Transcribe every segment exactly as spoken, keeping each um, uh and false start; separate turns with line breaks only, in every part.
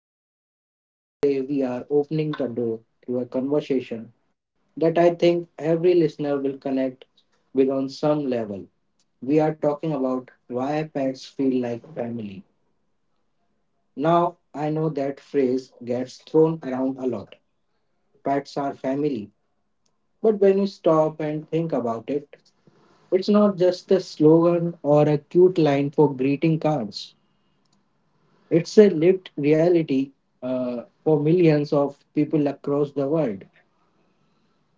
host Sagar, and today we are opening the door to a conversation that I think every listener will connect with on some level. We are talking about why pets feel like family. Now, I know that phrase gets thrown around a lot. Pets are family. But when you stop and think about it, it's not just a slogan or a cute line for greeting cards. It's a lived reality uh, for millions of people across the world.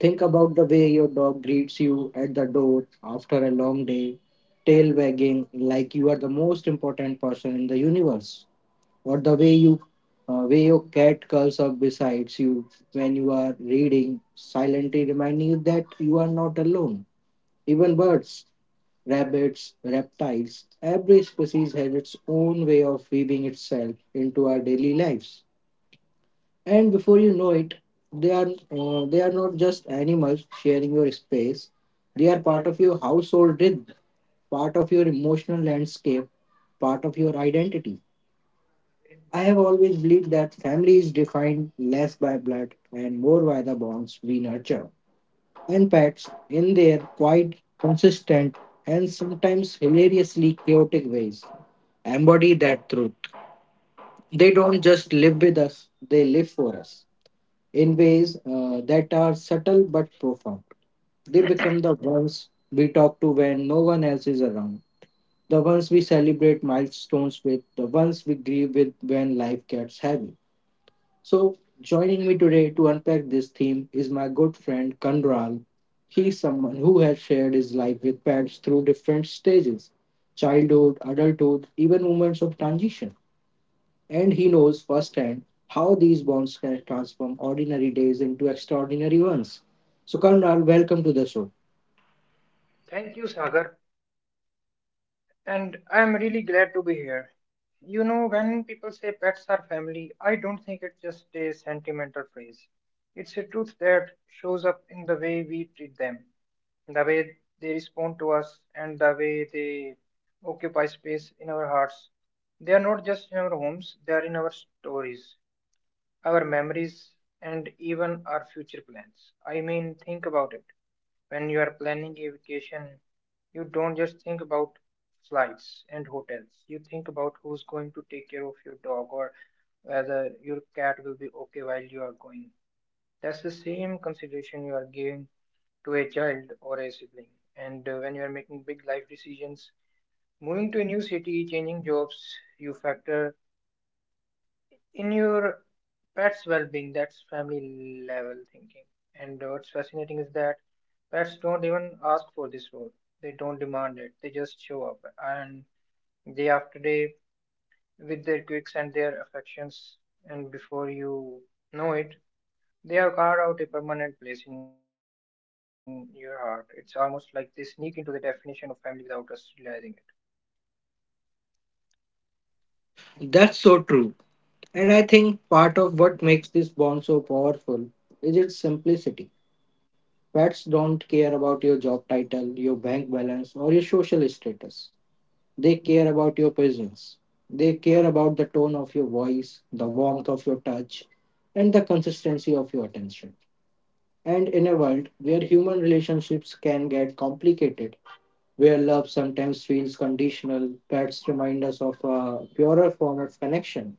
Think about the way your dog greets you at the door after a long day, tail wagging like you are the most important person in the universe, or the way you uh, way your cat curls up beside you when you are reading, silently reminding you that you are not alone. Even birds, rabbits, reptiles, every species has its own way of weaving itself into our daily lives, and before you know it they are uh, they are not just animals sharing your space. They are part of your household rhythm, part of your emotional landscape, part of your identity. I have always believed that family is defined less by blood and more by the bonds we nurture, and pets, in their quite consistent and sometimes hilariously chaotic ways, embody that truth. They don't just live with us, they live for us in ways uh, that are subtle but profound. They become the ones we talk to when no one else is around, the ones we celebrate milestones with, the ones we grieve with when life gets heavy. So, joining me today to unpack this theme is my good friend Kanral. He's someone who has shared his life with pets through different stages: childhood, adulthood, even moments of transition, and he knows firsthand how these bonds can transform ordinary days into extraordinary ones. So, Karnal, welcome to the show.
Thank you, Sagar. And I'm really glad to be here. You know, when people say pets are family, I don't think it's just a sentimental phrase. It's a truth that shows up in the way we treat them, the way they respond to us, and the way they occupy space in our hearts. They are not just in our homes, they are in our stories, our memories, and even our future plans. I mean, think about it. When you are planning a vacation, you don't just think about flights and hotels. You think about who's going to take care of your dog or whether your cat will be okay while you are going. That's the same consideration you are giving to a child or a sibling. And uh, When you are making big life decisions, moving to a new city, changing jobs, you factor in your pet's well-being. That's family level thinking, and what's fascinating is that pets don't even ask for this role. They don't demand it. They just show up and day after day with their quirks and their affections, and before you know it, they have carved out a permanent place in your heart. It's almost like they sneak into the definition of family without us realizing it.
That's so true. And I think part of what makes this bond so powerful is its simplicity. Pets don't care about your job title, your bank balance, or your social status. They care about your presence. They care about the tone of your voice, the warmth of your touch, and the consistency of your attention. And in a world where human relationships can get complicated, where love sometimes feels conditional, pets remind us of a purer form of connection.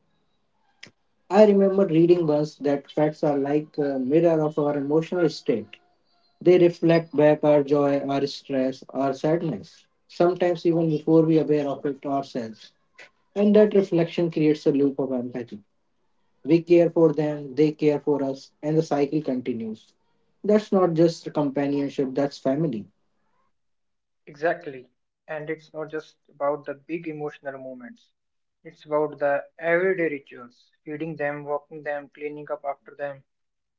I remember reading once that pets are like a mirror of our emotional state. They reflect back our joy, our stress, our sadness, sometimes even before we are aware of it ourselves. And that reflection creates a loop of empathy. We care for them, they care for us, and the cycle continues. That's not just companionship, that's family.
Exactly. And it's not just about the big emotional moments. It's about the everyday rituals, feeding them, walking them, cleaning up after them.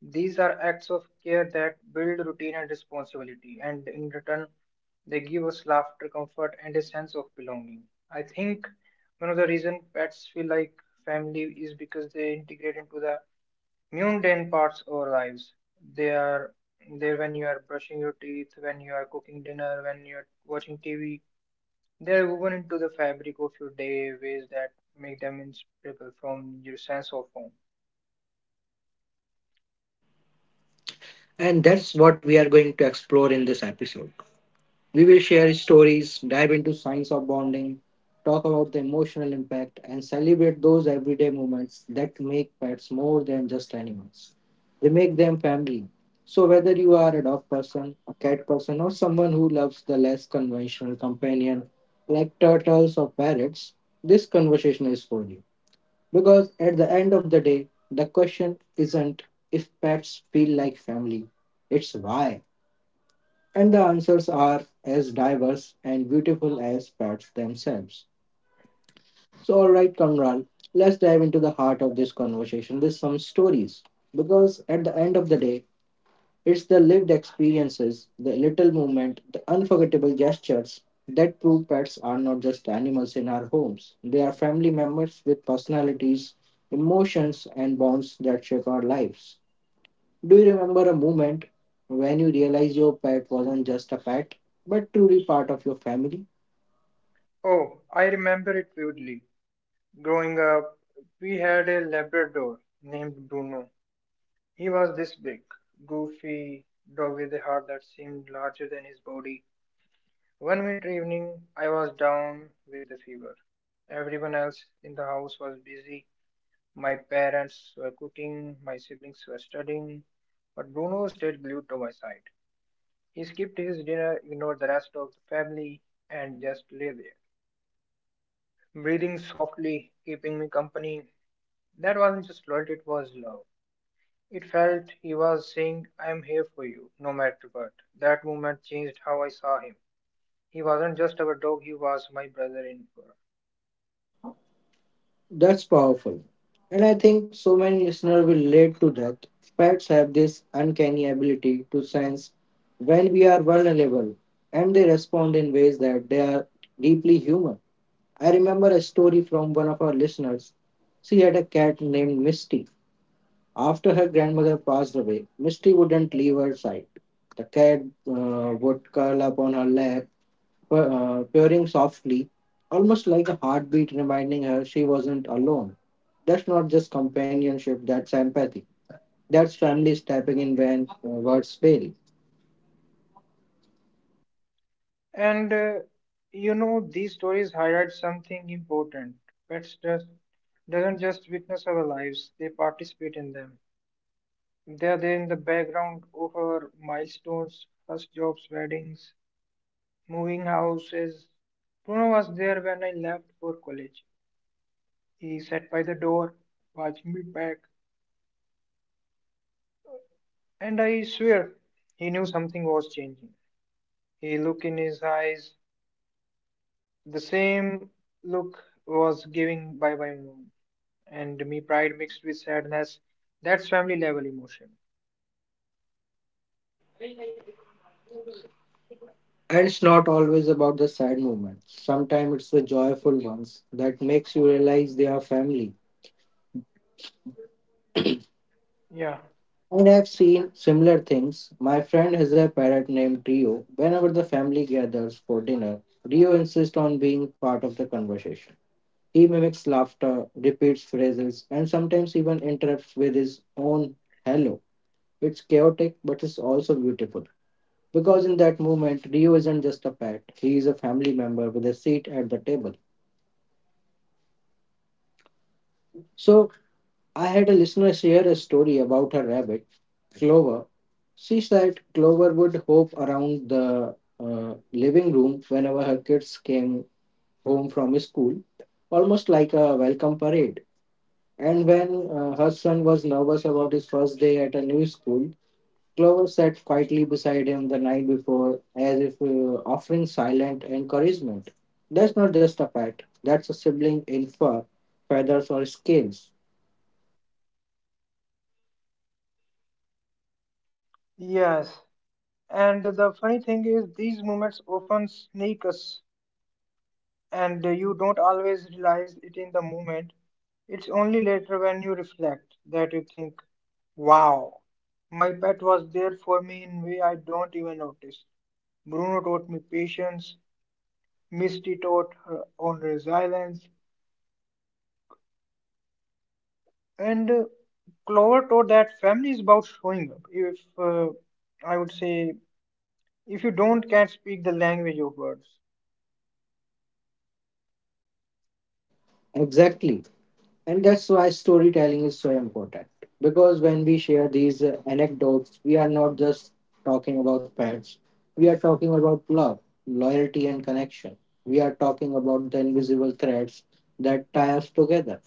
These are acts of care that build routine and responsibility, and in return, they give us laughter, comfort, and a sense of belonging. I think one of the reasons pets feel like family is because they integrate into the mundane parts of our lives. They are there when you are brushing your teeth, when you are cooking dinner, when you are watching T V, they're woven into the fabric of your day ways that make them inseparable from your sense of home.
And that's what we are going to explore in this episode. We will share stories, dive into science of bonding, talk about the emotional impact, and celebrate those everyday moments that make pets more than just animals. They make them family. So whether you are a dog person, a cat person, or someone who loves the less conventional companion like turtles or parrots, this conversation is for you. Because at the end of the day, the question isn't if pets feel like family, it's why. And the answers are as diverse and beautiful as pets themselves. So, all right, Kamran, let's dive into the heart of this conversation with some stories. Because at the end of the day, it's the lived experiences, the little movement, the unforgettable gestures that prove pets are not just animals in our homes. They are family members with personalities, emotions, and bonds that shape our lives. Do you remember a moment when you realized your pet wasn't just a pet, but truly part of your family?
Oh, I remember it vividly. Growing up, we had a Labrador named Bruno. He was this big, goofy dog with a heart that seemed larger than his body. One winter evening, I was down with the fever. Everyone else in the house was busy. My parents were cooking, my siblings were studying, but Bruno stayed glued to my side. He skipped his dinner, ignored the rest of the family, and just lay there, breathing softly, keeping me company. That wasn't just loyalty, it was love. It felt he was saying, I am here for you, no matter what. That moment changed how I saw him. He wasn't just our dog, he was my brother in fur.
That's powerful. And I think so many listeners will relate to that. Pets have this uncanny ability to sense when we are vulnerable, and they respond in ways that they are deeply human. I remember a story from one of our listeners. She had a cat named Misty. After her grandmother passed away, Misty wouldn't leave her side. The cat uh, would curl up on her lap, uh, purring softly, almost like a heartbeat reminding her she wasn't alone. That's not just companionship, that's empathy. That's family stepping in when uh, words fail.
And uh, You know, these stories highlight something important. Pets just, doesn't just witness our lives, they participate in them. They are there in the background of our milestones, first jobs, weddings, moving houses. Bruno was there when I left for college. He sat by the door, watching me back, and I swear he knew something was changing. A look in his eyes, the same look was giving by my mom, and me pride mixed with sadness. That's family level emotion.
And it's not always about the sad moments. Sometimes it's the joyful ones that makes you realize they are family.
Yeah.
And I've seen similar things. My friend has a parrot named Rio. Whenever the family gathers for dinner, Rio insists on being part of the conversation. He mimics laughter, repeats phrases, and sometimes even interrupts with his own hello. It's chaotic, but it's also beautiful. Because in that moment, Rio isn't just a pet, he is a family member with a seat at the table. So I had a listener share a story about her rabbit, Clover. She said Clover would hop around the uh, living room whenever her kids came home from school, almost like a welcome parade. And when uh, her son was nervous about his first day at a new school, Clover sat quietly beside him the night before, as if uh, offering silent encouragement. That's not just a pet, that's a sibling in fur, feathers, or scales.
Yes. And the funny thing is, these moments often sneak us and you don't always realize it in the moment. It's only later when you reflect that you think, wow, my pet was there for me in way I don't even notice. Bruno taught me patience, Misty taught her own resilience, and uh, Clover taught that family is about showing up. If uh, I would say, if you don't can't speak the language of words,
Exactly. And that's why storytelling is so important. Because when we share these uh, anecdotes, we are not just talking about pets, we are talking about love, loyalty, and connection. We are talking about the invisible threads that tie us together.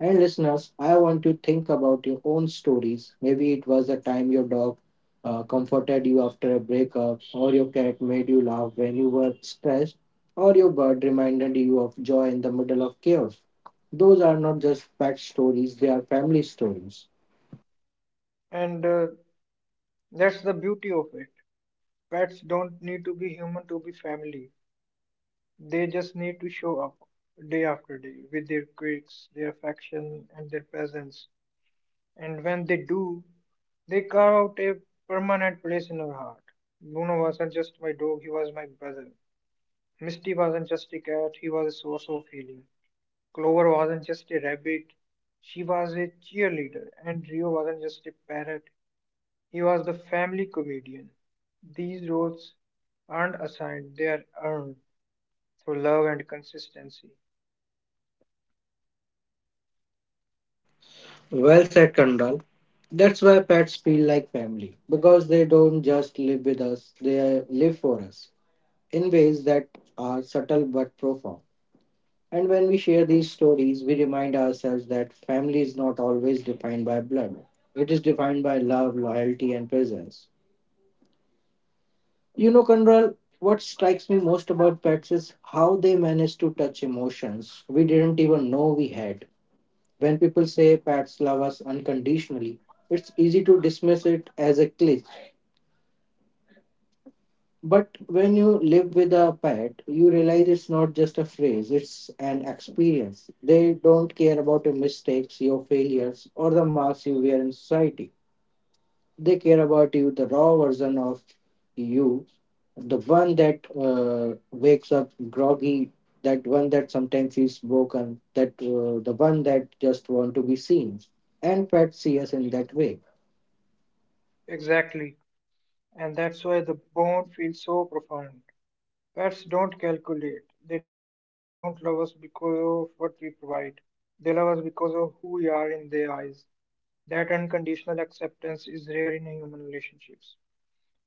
And listeners, I want you to think about your own stories. Maybe it was the time your dog uh, comforted you after a breakup, or your cat made you laugh when you were stressed, or your bird reminded you of joy in the middle of chaos. Those are not just pet stories, they are family stories.
and uh, that's the beauty of it. Pets don't need to be human to be family. They just need to show up day after day with their quirks, their affection, and their presence. And when they do, they carve out a permanent place in our heart. Bruno wasn't just my dog, he was my brother. Misty wasn't just a cat, he was a source of healing. Clover wasn't just a rabbit, she was a cheerleader. And Rio wasn't just a parrot, he was the family comedian. These roles aren't assigned, they are earned through love and consistency.
Well said, Kandal. That's why pets feel like family: because they don't just live with us, they live for us in ways that are subtle but profound. And when we share these stories, we remind ourselves that family is not always defined by blood. It is defined by love, loyalty, and presence. You know, Kanral, what strikes me most about pets is how they manage to touch emotions we didn't even know we had. When people say pets love us unconditionally, it's easy to dismiss it as a cliché. But when you live with a pet, you realize it's not just a phrase, it's an experience. They don't care about your mistakes, your failures, or the marks you wear in society. They care about you, the raw version of you, the one that uh, wakes up groggy, that one that sometimes feels broken, that uh, the one that just want to be seen. And pets see us in that way.
Exactly, and that's why the bond feels so profound. Pets don't calculate. They don't love us because of what we provide. They love us because of who we are in their eyes. That unconditional acceptance is rare in human relationships.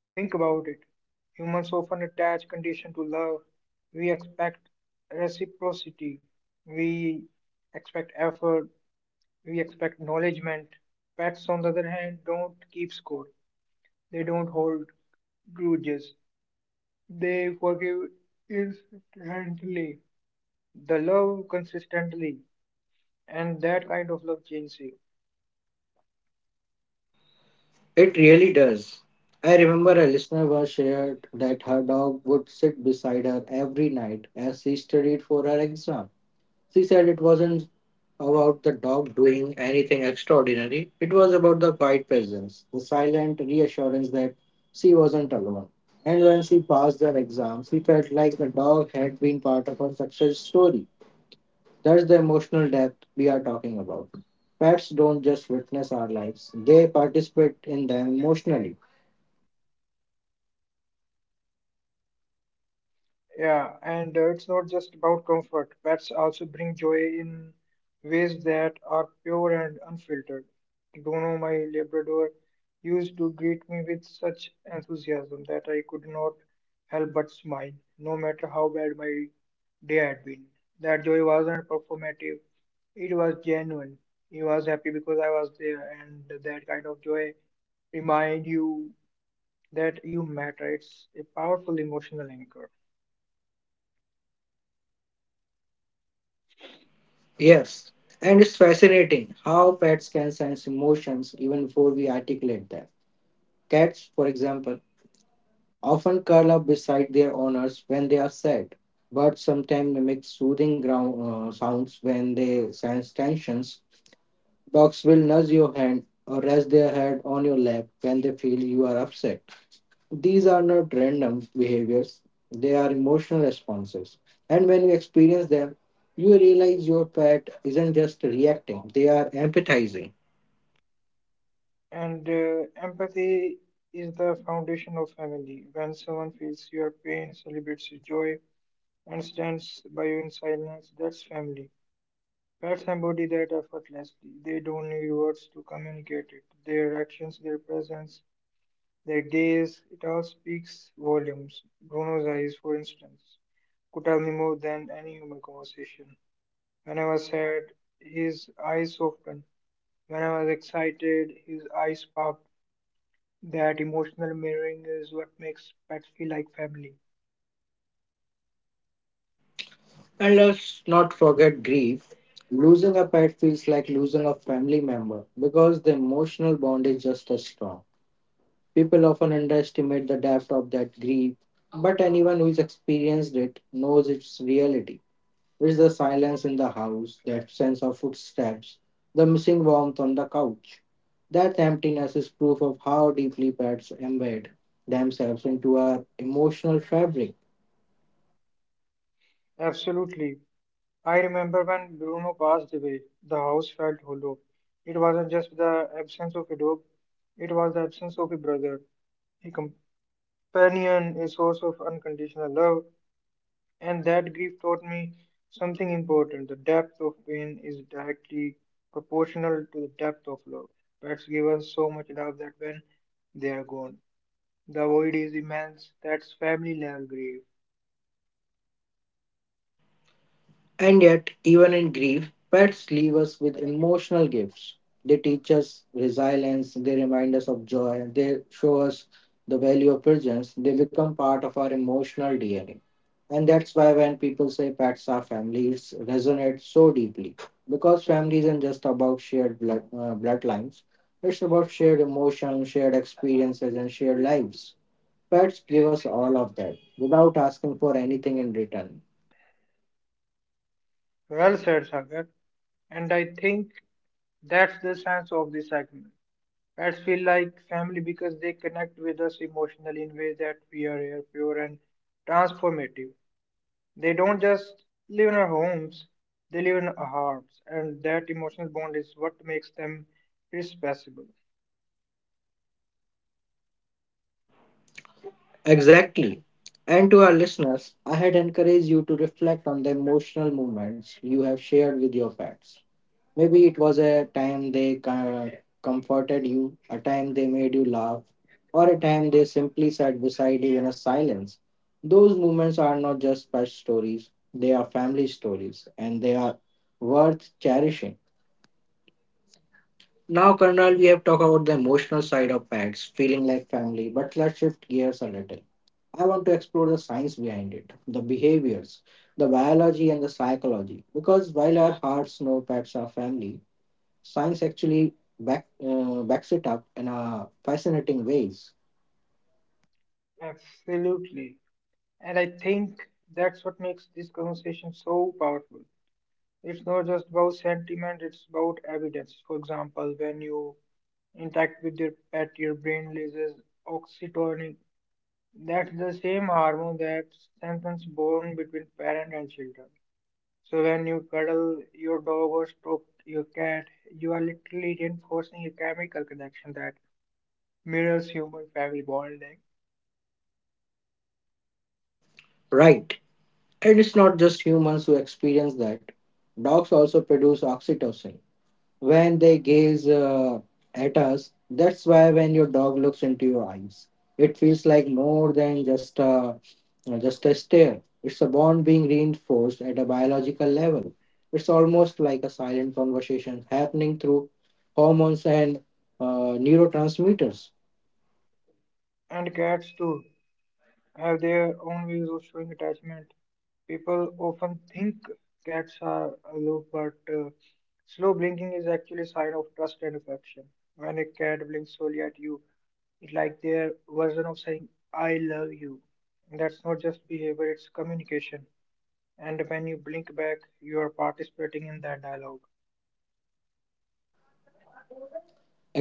Think about it. Humans often attach condition to love. We expect reciprocity. We expect effort. We expect acknowledgement. Pets, on the other hand, don't keep score. They don't hold grudges. They forgive instantly. The love consistently. And that kind of love changes you.
It really does. I remember a listener was shared that her dog would sit beside her every night as she studied for her exam. She said it wasn't about the dog doing anything extraordinary, it was about the quiet presence, the silent reassurance that she wasn't alone. And when she passed her exam, she felt like the dog had been part of her success story. That's the emotional depth we are talking about. Pets don't just witness our lives, they participate in them emotionally.
Yeah, and uh, it's not just about comfort. Pets also bring joy in ways that are pure and unfiltered. Bruno, my Labrador, used to greet me with such enthusiasm that I could not help but smile, no matter how bad my day had been. That joy wasn't performative, it was genuine. He was happy because I was there, and that kind of joy remind you that you matter. It's a powerful emotional anchor.
Yes, and it's fascinating how pets can sense emotions even before we articulate them. Cats, for example, often curl up beside their owners when they are sad, but sometimes mimic soothing ground, uh, sounds when they sense tensions. Dogs will nudge your hand or rest their head on your lap when they feel you are upset. These are not random behaviors, they are emotional responses. And when you experience them, you realize your pet isn't just reacting, they are empathizing.
And uh, empathy is the foundation of family. When someone feels your pain, celebrates your joy, and stands by you in silence, that's family. Pets embody that effortlessly. They don't need words to communicate it. Their actions, their presence, their gaze, it all speaks volumes. Bruno's eyes, for instance, could tell me more than any human conversation. When I was sad, his eyes softened. When I was excited, his eyes popped. That emotional mirroring is what makes pets feel like family.
And let's not forget grief. Losing a pet feels like losing a family member because the emotional bond is just as strong. People often underestimate the depth of that grief, but anyone who's experienced it knows its reality. It's the silence in the house, that sense of footsteps, the missing warmth on the couch. That emptiness is proof of how deeply pets embed themselves into our emotional fabric.
Absolutely. I remember when Bruno passed away, the house felt hollow. It wasn't just the absence of a dog, it was the absence of a brother, a companion, a source of unconditional love. And that grief taught me something important. The depth of pain is directly proportional to the depth of love. Pets give us so much love that when they are gone, the void is immense. That's family level grief.
And yet, even in grief, pets leave us with emotional gifts. They teach us resilience, they remind us of joy, they show us the value of presence, they become part of our emotional D N A. And that's why when people say pets are families, resonates so deeply. Because family isn't just about shared blood, uh, bloodlines, it's about shared emotions, shared experiences, and shared lives. Pets give us all of that without asking for anything in return.
Well said, Sagar. And I think that's the sense of this segment. Pets feel like family because they connect with us emotionally in ways that we are rare, pure, and transformative. They don't just live in our homes, they live in our hearts, and that emotional bond is what makes them irreplaceable.
Exactly. And to our listeners, I had encouraged you to reflect on the emotional moments you have shared with your pets. Maybe it was a time they ca- comforted you, a time they made you laugh, or a time they simply sat beside you in a silence. Those moments are not just pet stories, they are family stories, and they are worth cherishing. Now, Karnal, we have talked about the emotional side of pets, feeling like family, but let's shift gears a little. I want to explore the science behind it, the behaviors, the biology, and the psychology. Because while our hearts know pets are family, science actually back, uh, backs it up in a fascinating ways.
Absolutely. And I think that's what makes this conversation so powerful. It's not just about sentiment, it's about evidence. For example, when you interact with your pet, your brain releases oxytocin. That's the same hormone that strengthens bond between parent and children. So when you cuddle your dog or stroke your cat, you are literally reinforcing a chemical connection that mirrors human family bonding.
Right, and it's not just humans who experience that. Dogs also produce oxytocin, when they gaze uh, at us. That's why when your dog looks into your eyes, it feels like more than just a uh, just a stare. It's a bond being reinforced at a biological level. It's almost like a silent conversation happening through hormones and uh, neurotransmitters.
And cats too have their own ways of showing attachment. People often think cats are aloof, but uh, slow blinking is actually a sign of trust and affection. When a cat blinks slowly at you, it's like their version of saying "I love you." And that's not just behavior; it's communication. And when you blink back, you are participating in that dialogue.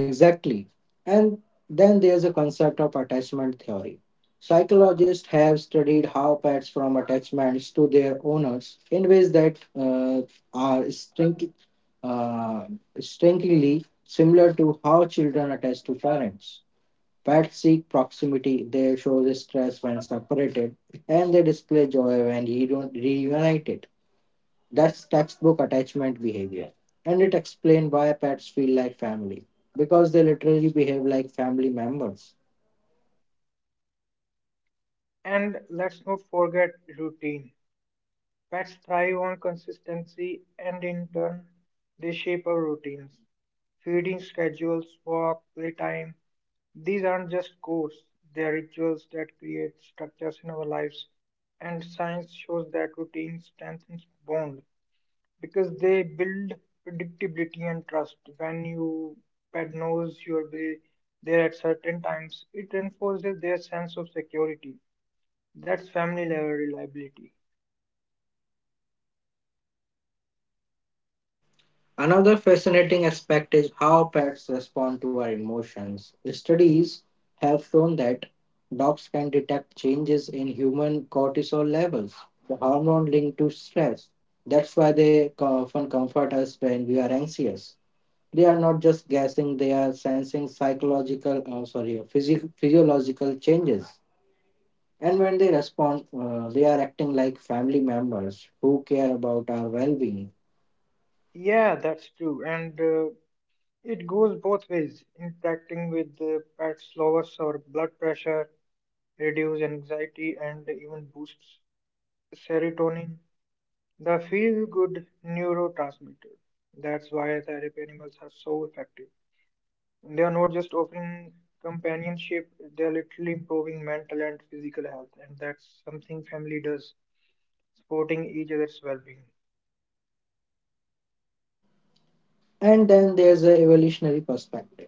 Exactly. And then there's a concept of attachment theory. Psychologists have studied how pets form attachments to their owners in ways that uh, are distinct- uh, distinctly similar to how children attach to parents. Pets seek proximity, they show distress when separated, and they display joy when reun- reunited. That's textbook attachment behavior. And it explains why pets feel like family, because they literally behave like family members.
And let's not forget routine. Pets thrive on consistency, and in turn, they shape our routines. Feeding schedules, walk, playtime, these aren't just codes, they are rituals that create structures in our lives, and science shows that routine strengthens bonds, because they build predictability and trust. When you pet knows you'll be there at certain times, it enforces their sense of security. That's family level reliability.
Another fascinating aspect is how pets respond to our emotions. Studies have shown that dogs can detect changes in human cortisol levels, the hormone linked to stress. That's why they co- often comfort us when we are anxious. They are not just guessing, they are sensing psychological, oh, sorry, physio- physiological changes. And when they respond, uh, they are acting like family members who care about our well being.
Yeah, that's true, and uh, it goes both ways. Interacting with the pets lowers our blood pressure, reduces anxiety, and even boosts serotonin, the feel-good neurotransmitter. That's why therapy animals are so effective. They are not just offering companionship, they are literally improving mental and physical health, and that's something family does, supporting each other's well being.
And then there's the evolutionary perspective.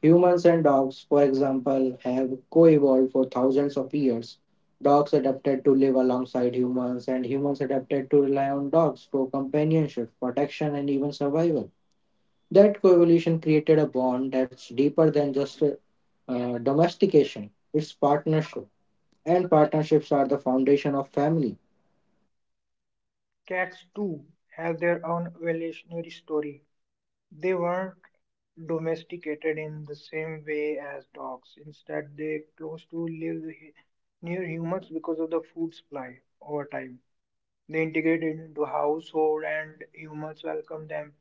Humans and dogs, for example, have co evolved for thousands of years. Dogs adapted to live alongside humans, and humans adapted to rely on dogs for companionship, protection, and even survival. That coevolution created a bond that's deeper than just uh, domestication, it's partnership. And partnerships are the foundation of family.
Cats, too, have their own evolutionary story. They weren't domesticated in the same way as dogs. Instead, they close to live near humans because of the food supply over time. They integrate into household and humans welcome them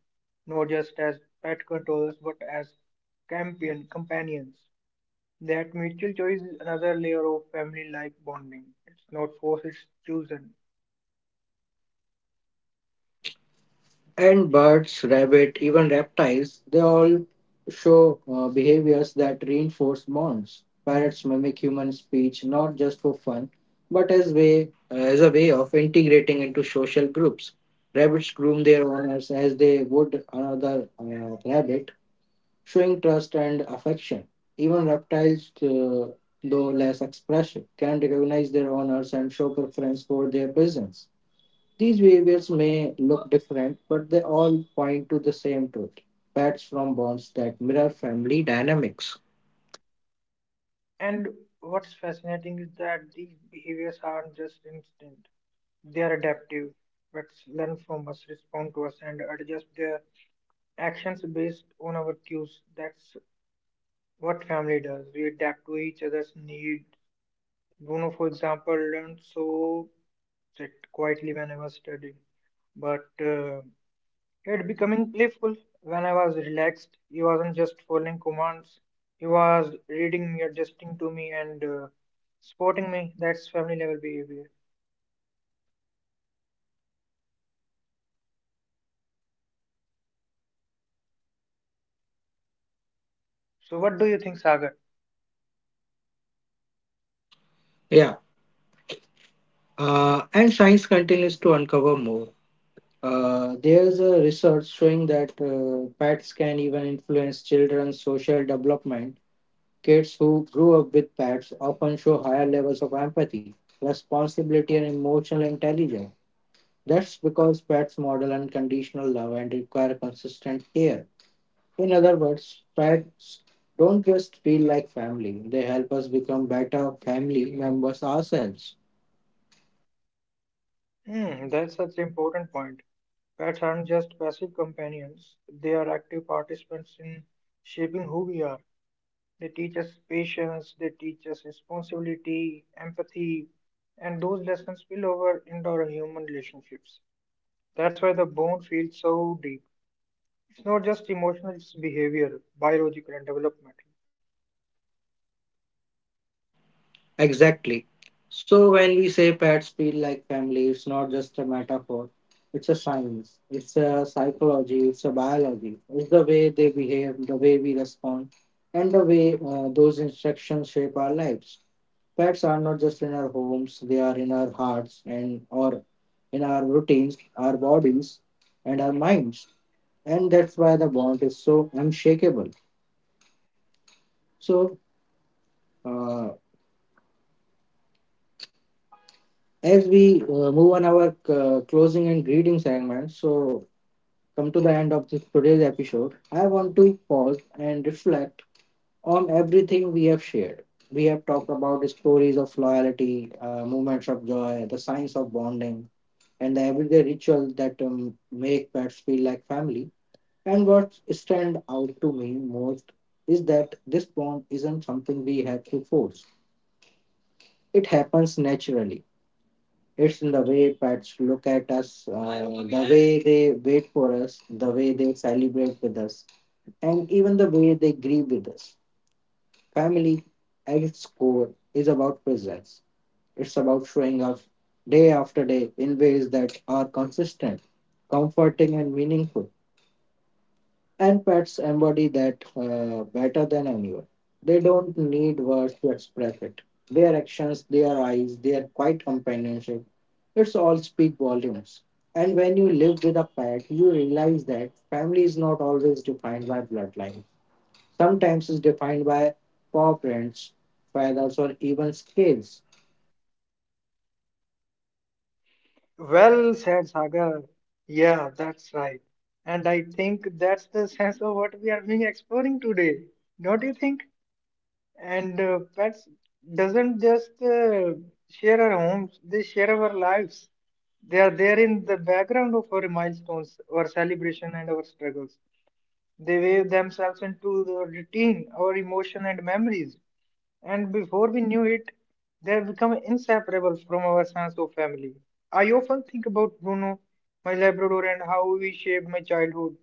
not just as pet controllers but as campion companions. That mutual choice is another layer of family like bonding. It's not forced, it's chosen.
And birds, rabbit, even reptiles, they all show uh, behaviors that reinforce bonds. Parrots mimic human speech not just for fun, but as way as a way of integrating into social groups. Rabbits groom their owners as they would another uh, rabbit, showing trust and affection. Even reptiles, uh, though less expressive, can recognize their owners and show preference for their presence. These behaviors may look different, but they all point to the same truth: pets from bonds that mirror family dynamics.
And what's fascinating is that these behaviors aren't just instinct, they are adaptive. Pets learn from us, respond to us, and adjust their actions based on our cues. That's what family does. We adapt to each other's needs. Bruno, for example, learned so sit quietly when I was studying, but uh, he had becoming playful when I was relaxed. He wasn't just following commands; he was reading me, adjusting to me, and uh, supporting me. That's family level behavior. So, what do you think, Sagar?
Yeah, uh, and science continues to uncover more. Uh, there's a research showing that uh, pets can even influence children's social development. Kids who grew up with pets often show higher levels of empathy, responsibility, and emotional intelligence. That's because pets model unconditional love and require consistent care. In other words, pets don't just feel like family, they help us become better family members ourselves.
Hmm, that's such an important point. Pets aren't just passive companions; they are active participants in shaping who we are. They teach us patience, they teach us responsibility, empathy, and those lessons spill over into our human relationships. That's why the bond feels so deep. It's not just emotional, it's behavioral, biological, and developmental.
Exactly. So, when we say pets feel like family, it's not just a metaphor, it's a science, it's a psychology, it's a biology. It's the way they behave, the way we respond, and the way uh, those instructions shape our lives. Pets are not just in our homes, they are in our hearts and or in our routines, our bodies, and our minds. And that's why the bond is so unshakable. So, uh, as we uh, move on our uh, closing and greeting segment, so come to the end of this today's episode, I want to pause and reflect on everything we have shared. We have talked about the stories of loyalty, uh, moments of joy, the science of bonding, and the everyday rituals that um, make pets feel like family. And what stand out to me most is that this bond isn't something we have to force, it happens naturally. It's in the way pets look at us, uh, the way they wait for us, the way they celebrate with us, and even the way they grieve with us. Family, at its core, is about presence. It's about showing up day after day in ways that are consistent, comforting, and meaningful. And pets embody that uh, better than anyone. They don't need words to express it. Their actions, their eyes, their quiet companionship, it's all speak volumes. And when you live with a pet, you realize that family is not always defined by bloodline. Sometimes it's defined by paw prints, feathers, or even scales.
Well said, Sagar. Yeah, that's right. And I think that's the sense of what we are being exploring today. Don't you think? And uh, pets doesn't just uh, share our homes, they share our lives. They are there in the background of our milestones, our celebration, and our struggles. They wave themselves into the routine, our emotion, and memories. And before we knew it, they have become inseparable from our sense of family. I often think about Bruno, my Labrador, and how he shaped my childhood.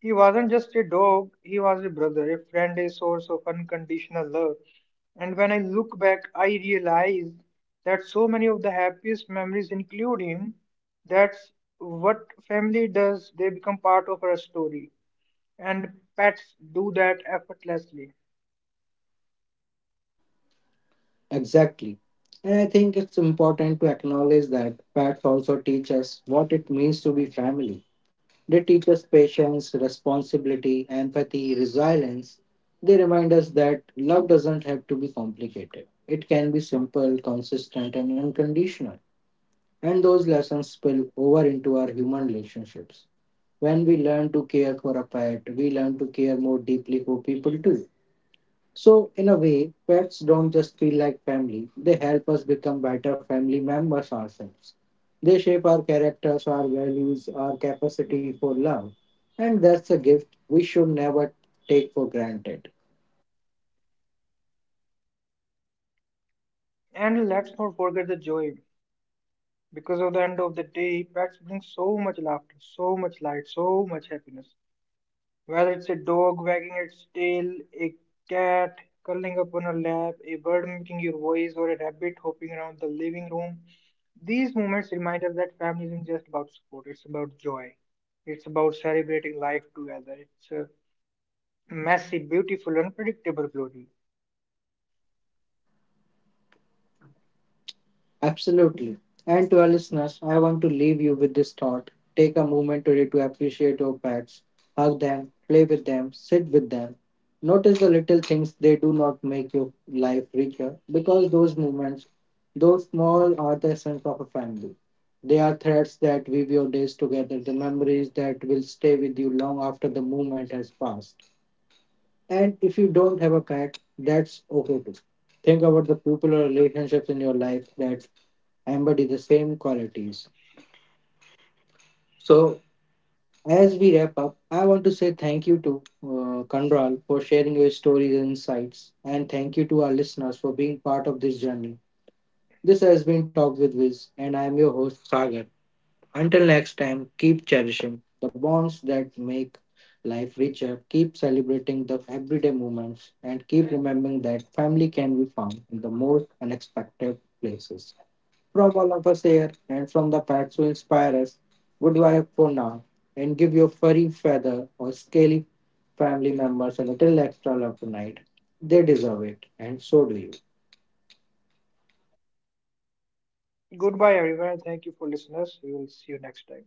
He wasn't just a dog, he was a brother, a friend, a source of unconditional love. And when I look back, I realize that so many of the happiest memories include him. That's what family does, they become part of our story. And pets do that effortlessly.
Exactly. And I think it's important to acknowledge that pets also teach us what it means to be family. They teach us patience, responsibility, empathy, resilience. They remind us that love doesn't have to be complicated. It can be simple, consistent, and unconditional. And those lessons spill over into our human relationships. When we learn to care for a pet, we learn to care more deeply for people too. So, in a way, pets don't just feel like family, they help us become better family members ourselves. They shape our characters, our values, our capacity for love, and that's a gift we should never take for granted.
And let's not forget the joy, because at the end of the day, pets bring so much laughter, so much light, so much happiness. Whether it's a dog wagging its tail, a cat curling up on a lap, a bird mimicking your voice, or a rabbit hopping around the living room, these moments remind us that family isn't just about support, it's about joy. It's about celebrating life together. It's a messy, beautiful, unpredictable glory.
Absolutely. And to our listeners, I want to leave you with this thought. Take a moment today to appreciate your pets, hug them, play with them, sit with them. Notice the little things they do not make your life richer because those moments, those small, are the essence of a family. They are threads that weave your days together, the memories that will stay with you long after the moment has passed. And if you don't have a pet, that's okay too. Think about the people or relationships in your life that embody the same qualities. So, as we wrap up, I want to say thank you to uh, Kandral for sharing your stories and insights, and thank you to our listeners for being part of this journey. This has been Talk with Viz, and I am your host Sagar. Until next time, keep cherishing the bonds that make life richer, keep celebrating the everyday moments, and keep remembering that family can be found in the most unexpected places. From all of us here and from the pets who inspire us, goodbye for now and give your furry feather or scaly family members a little extra love tonight. They deserve it, and so do you.
Goodbye, everyone. Thank you for listening us. We will see you next time.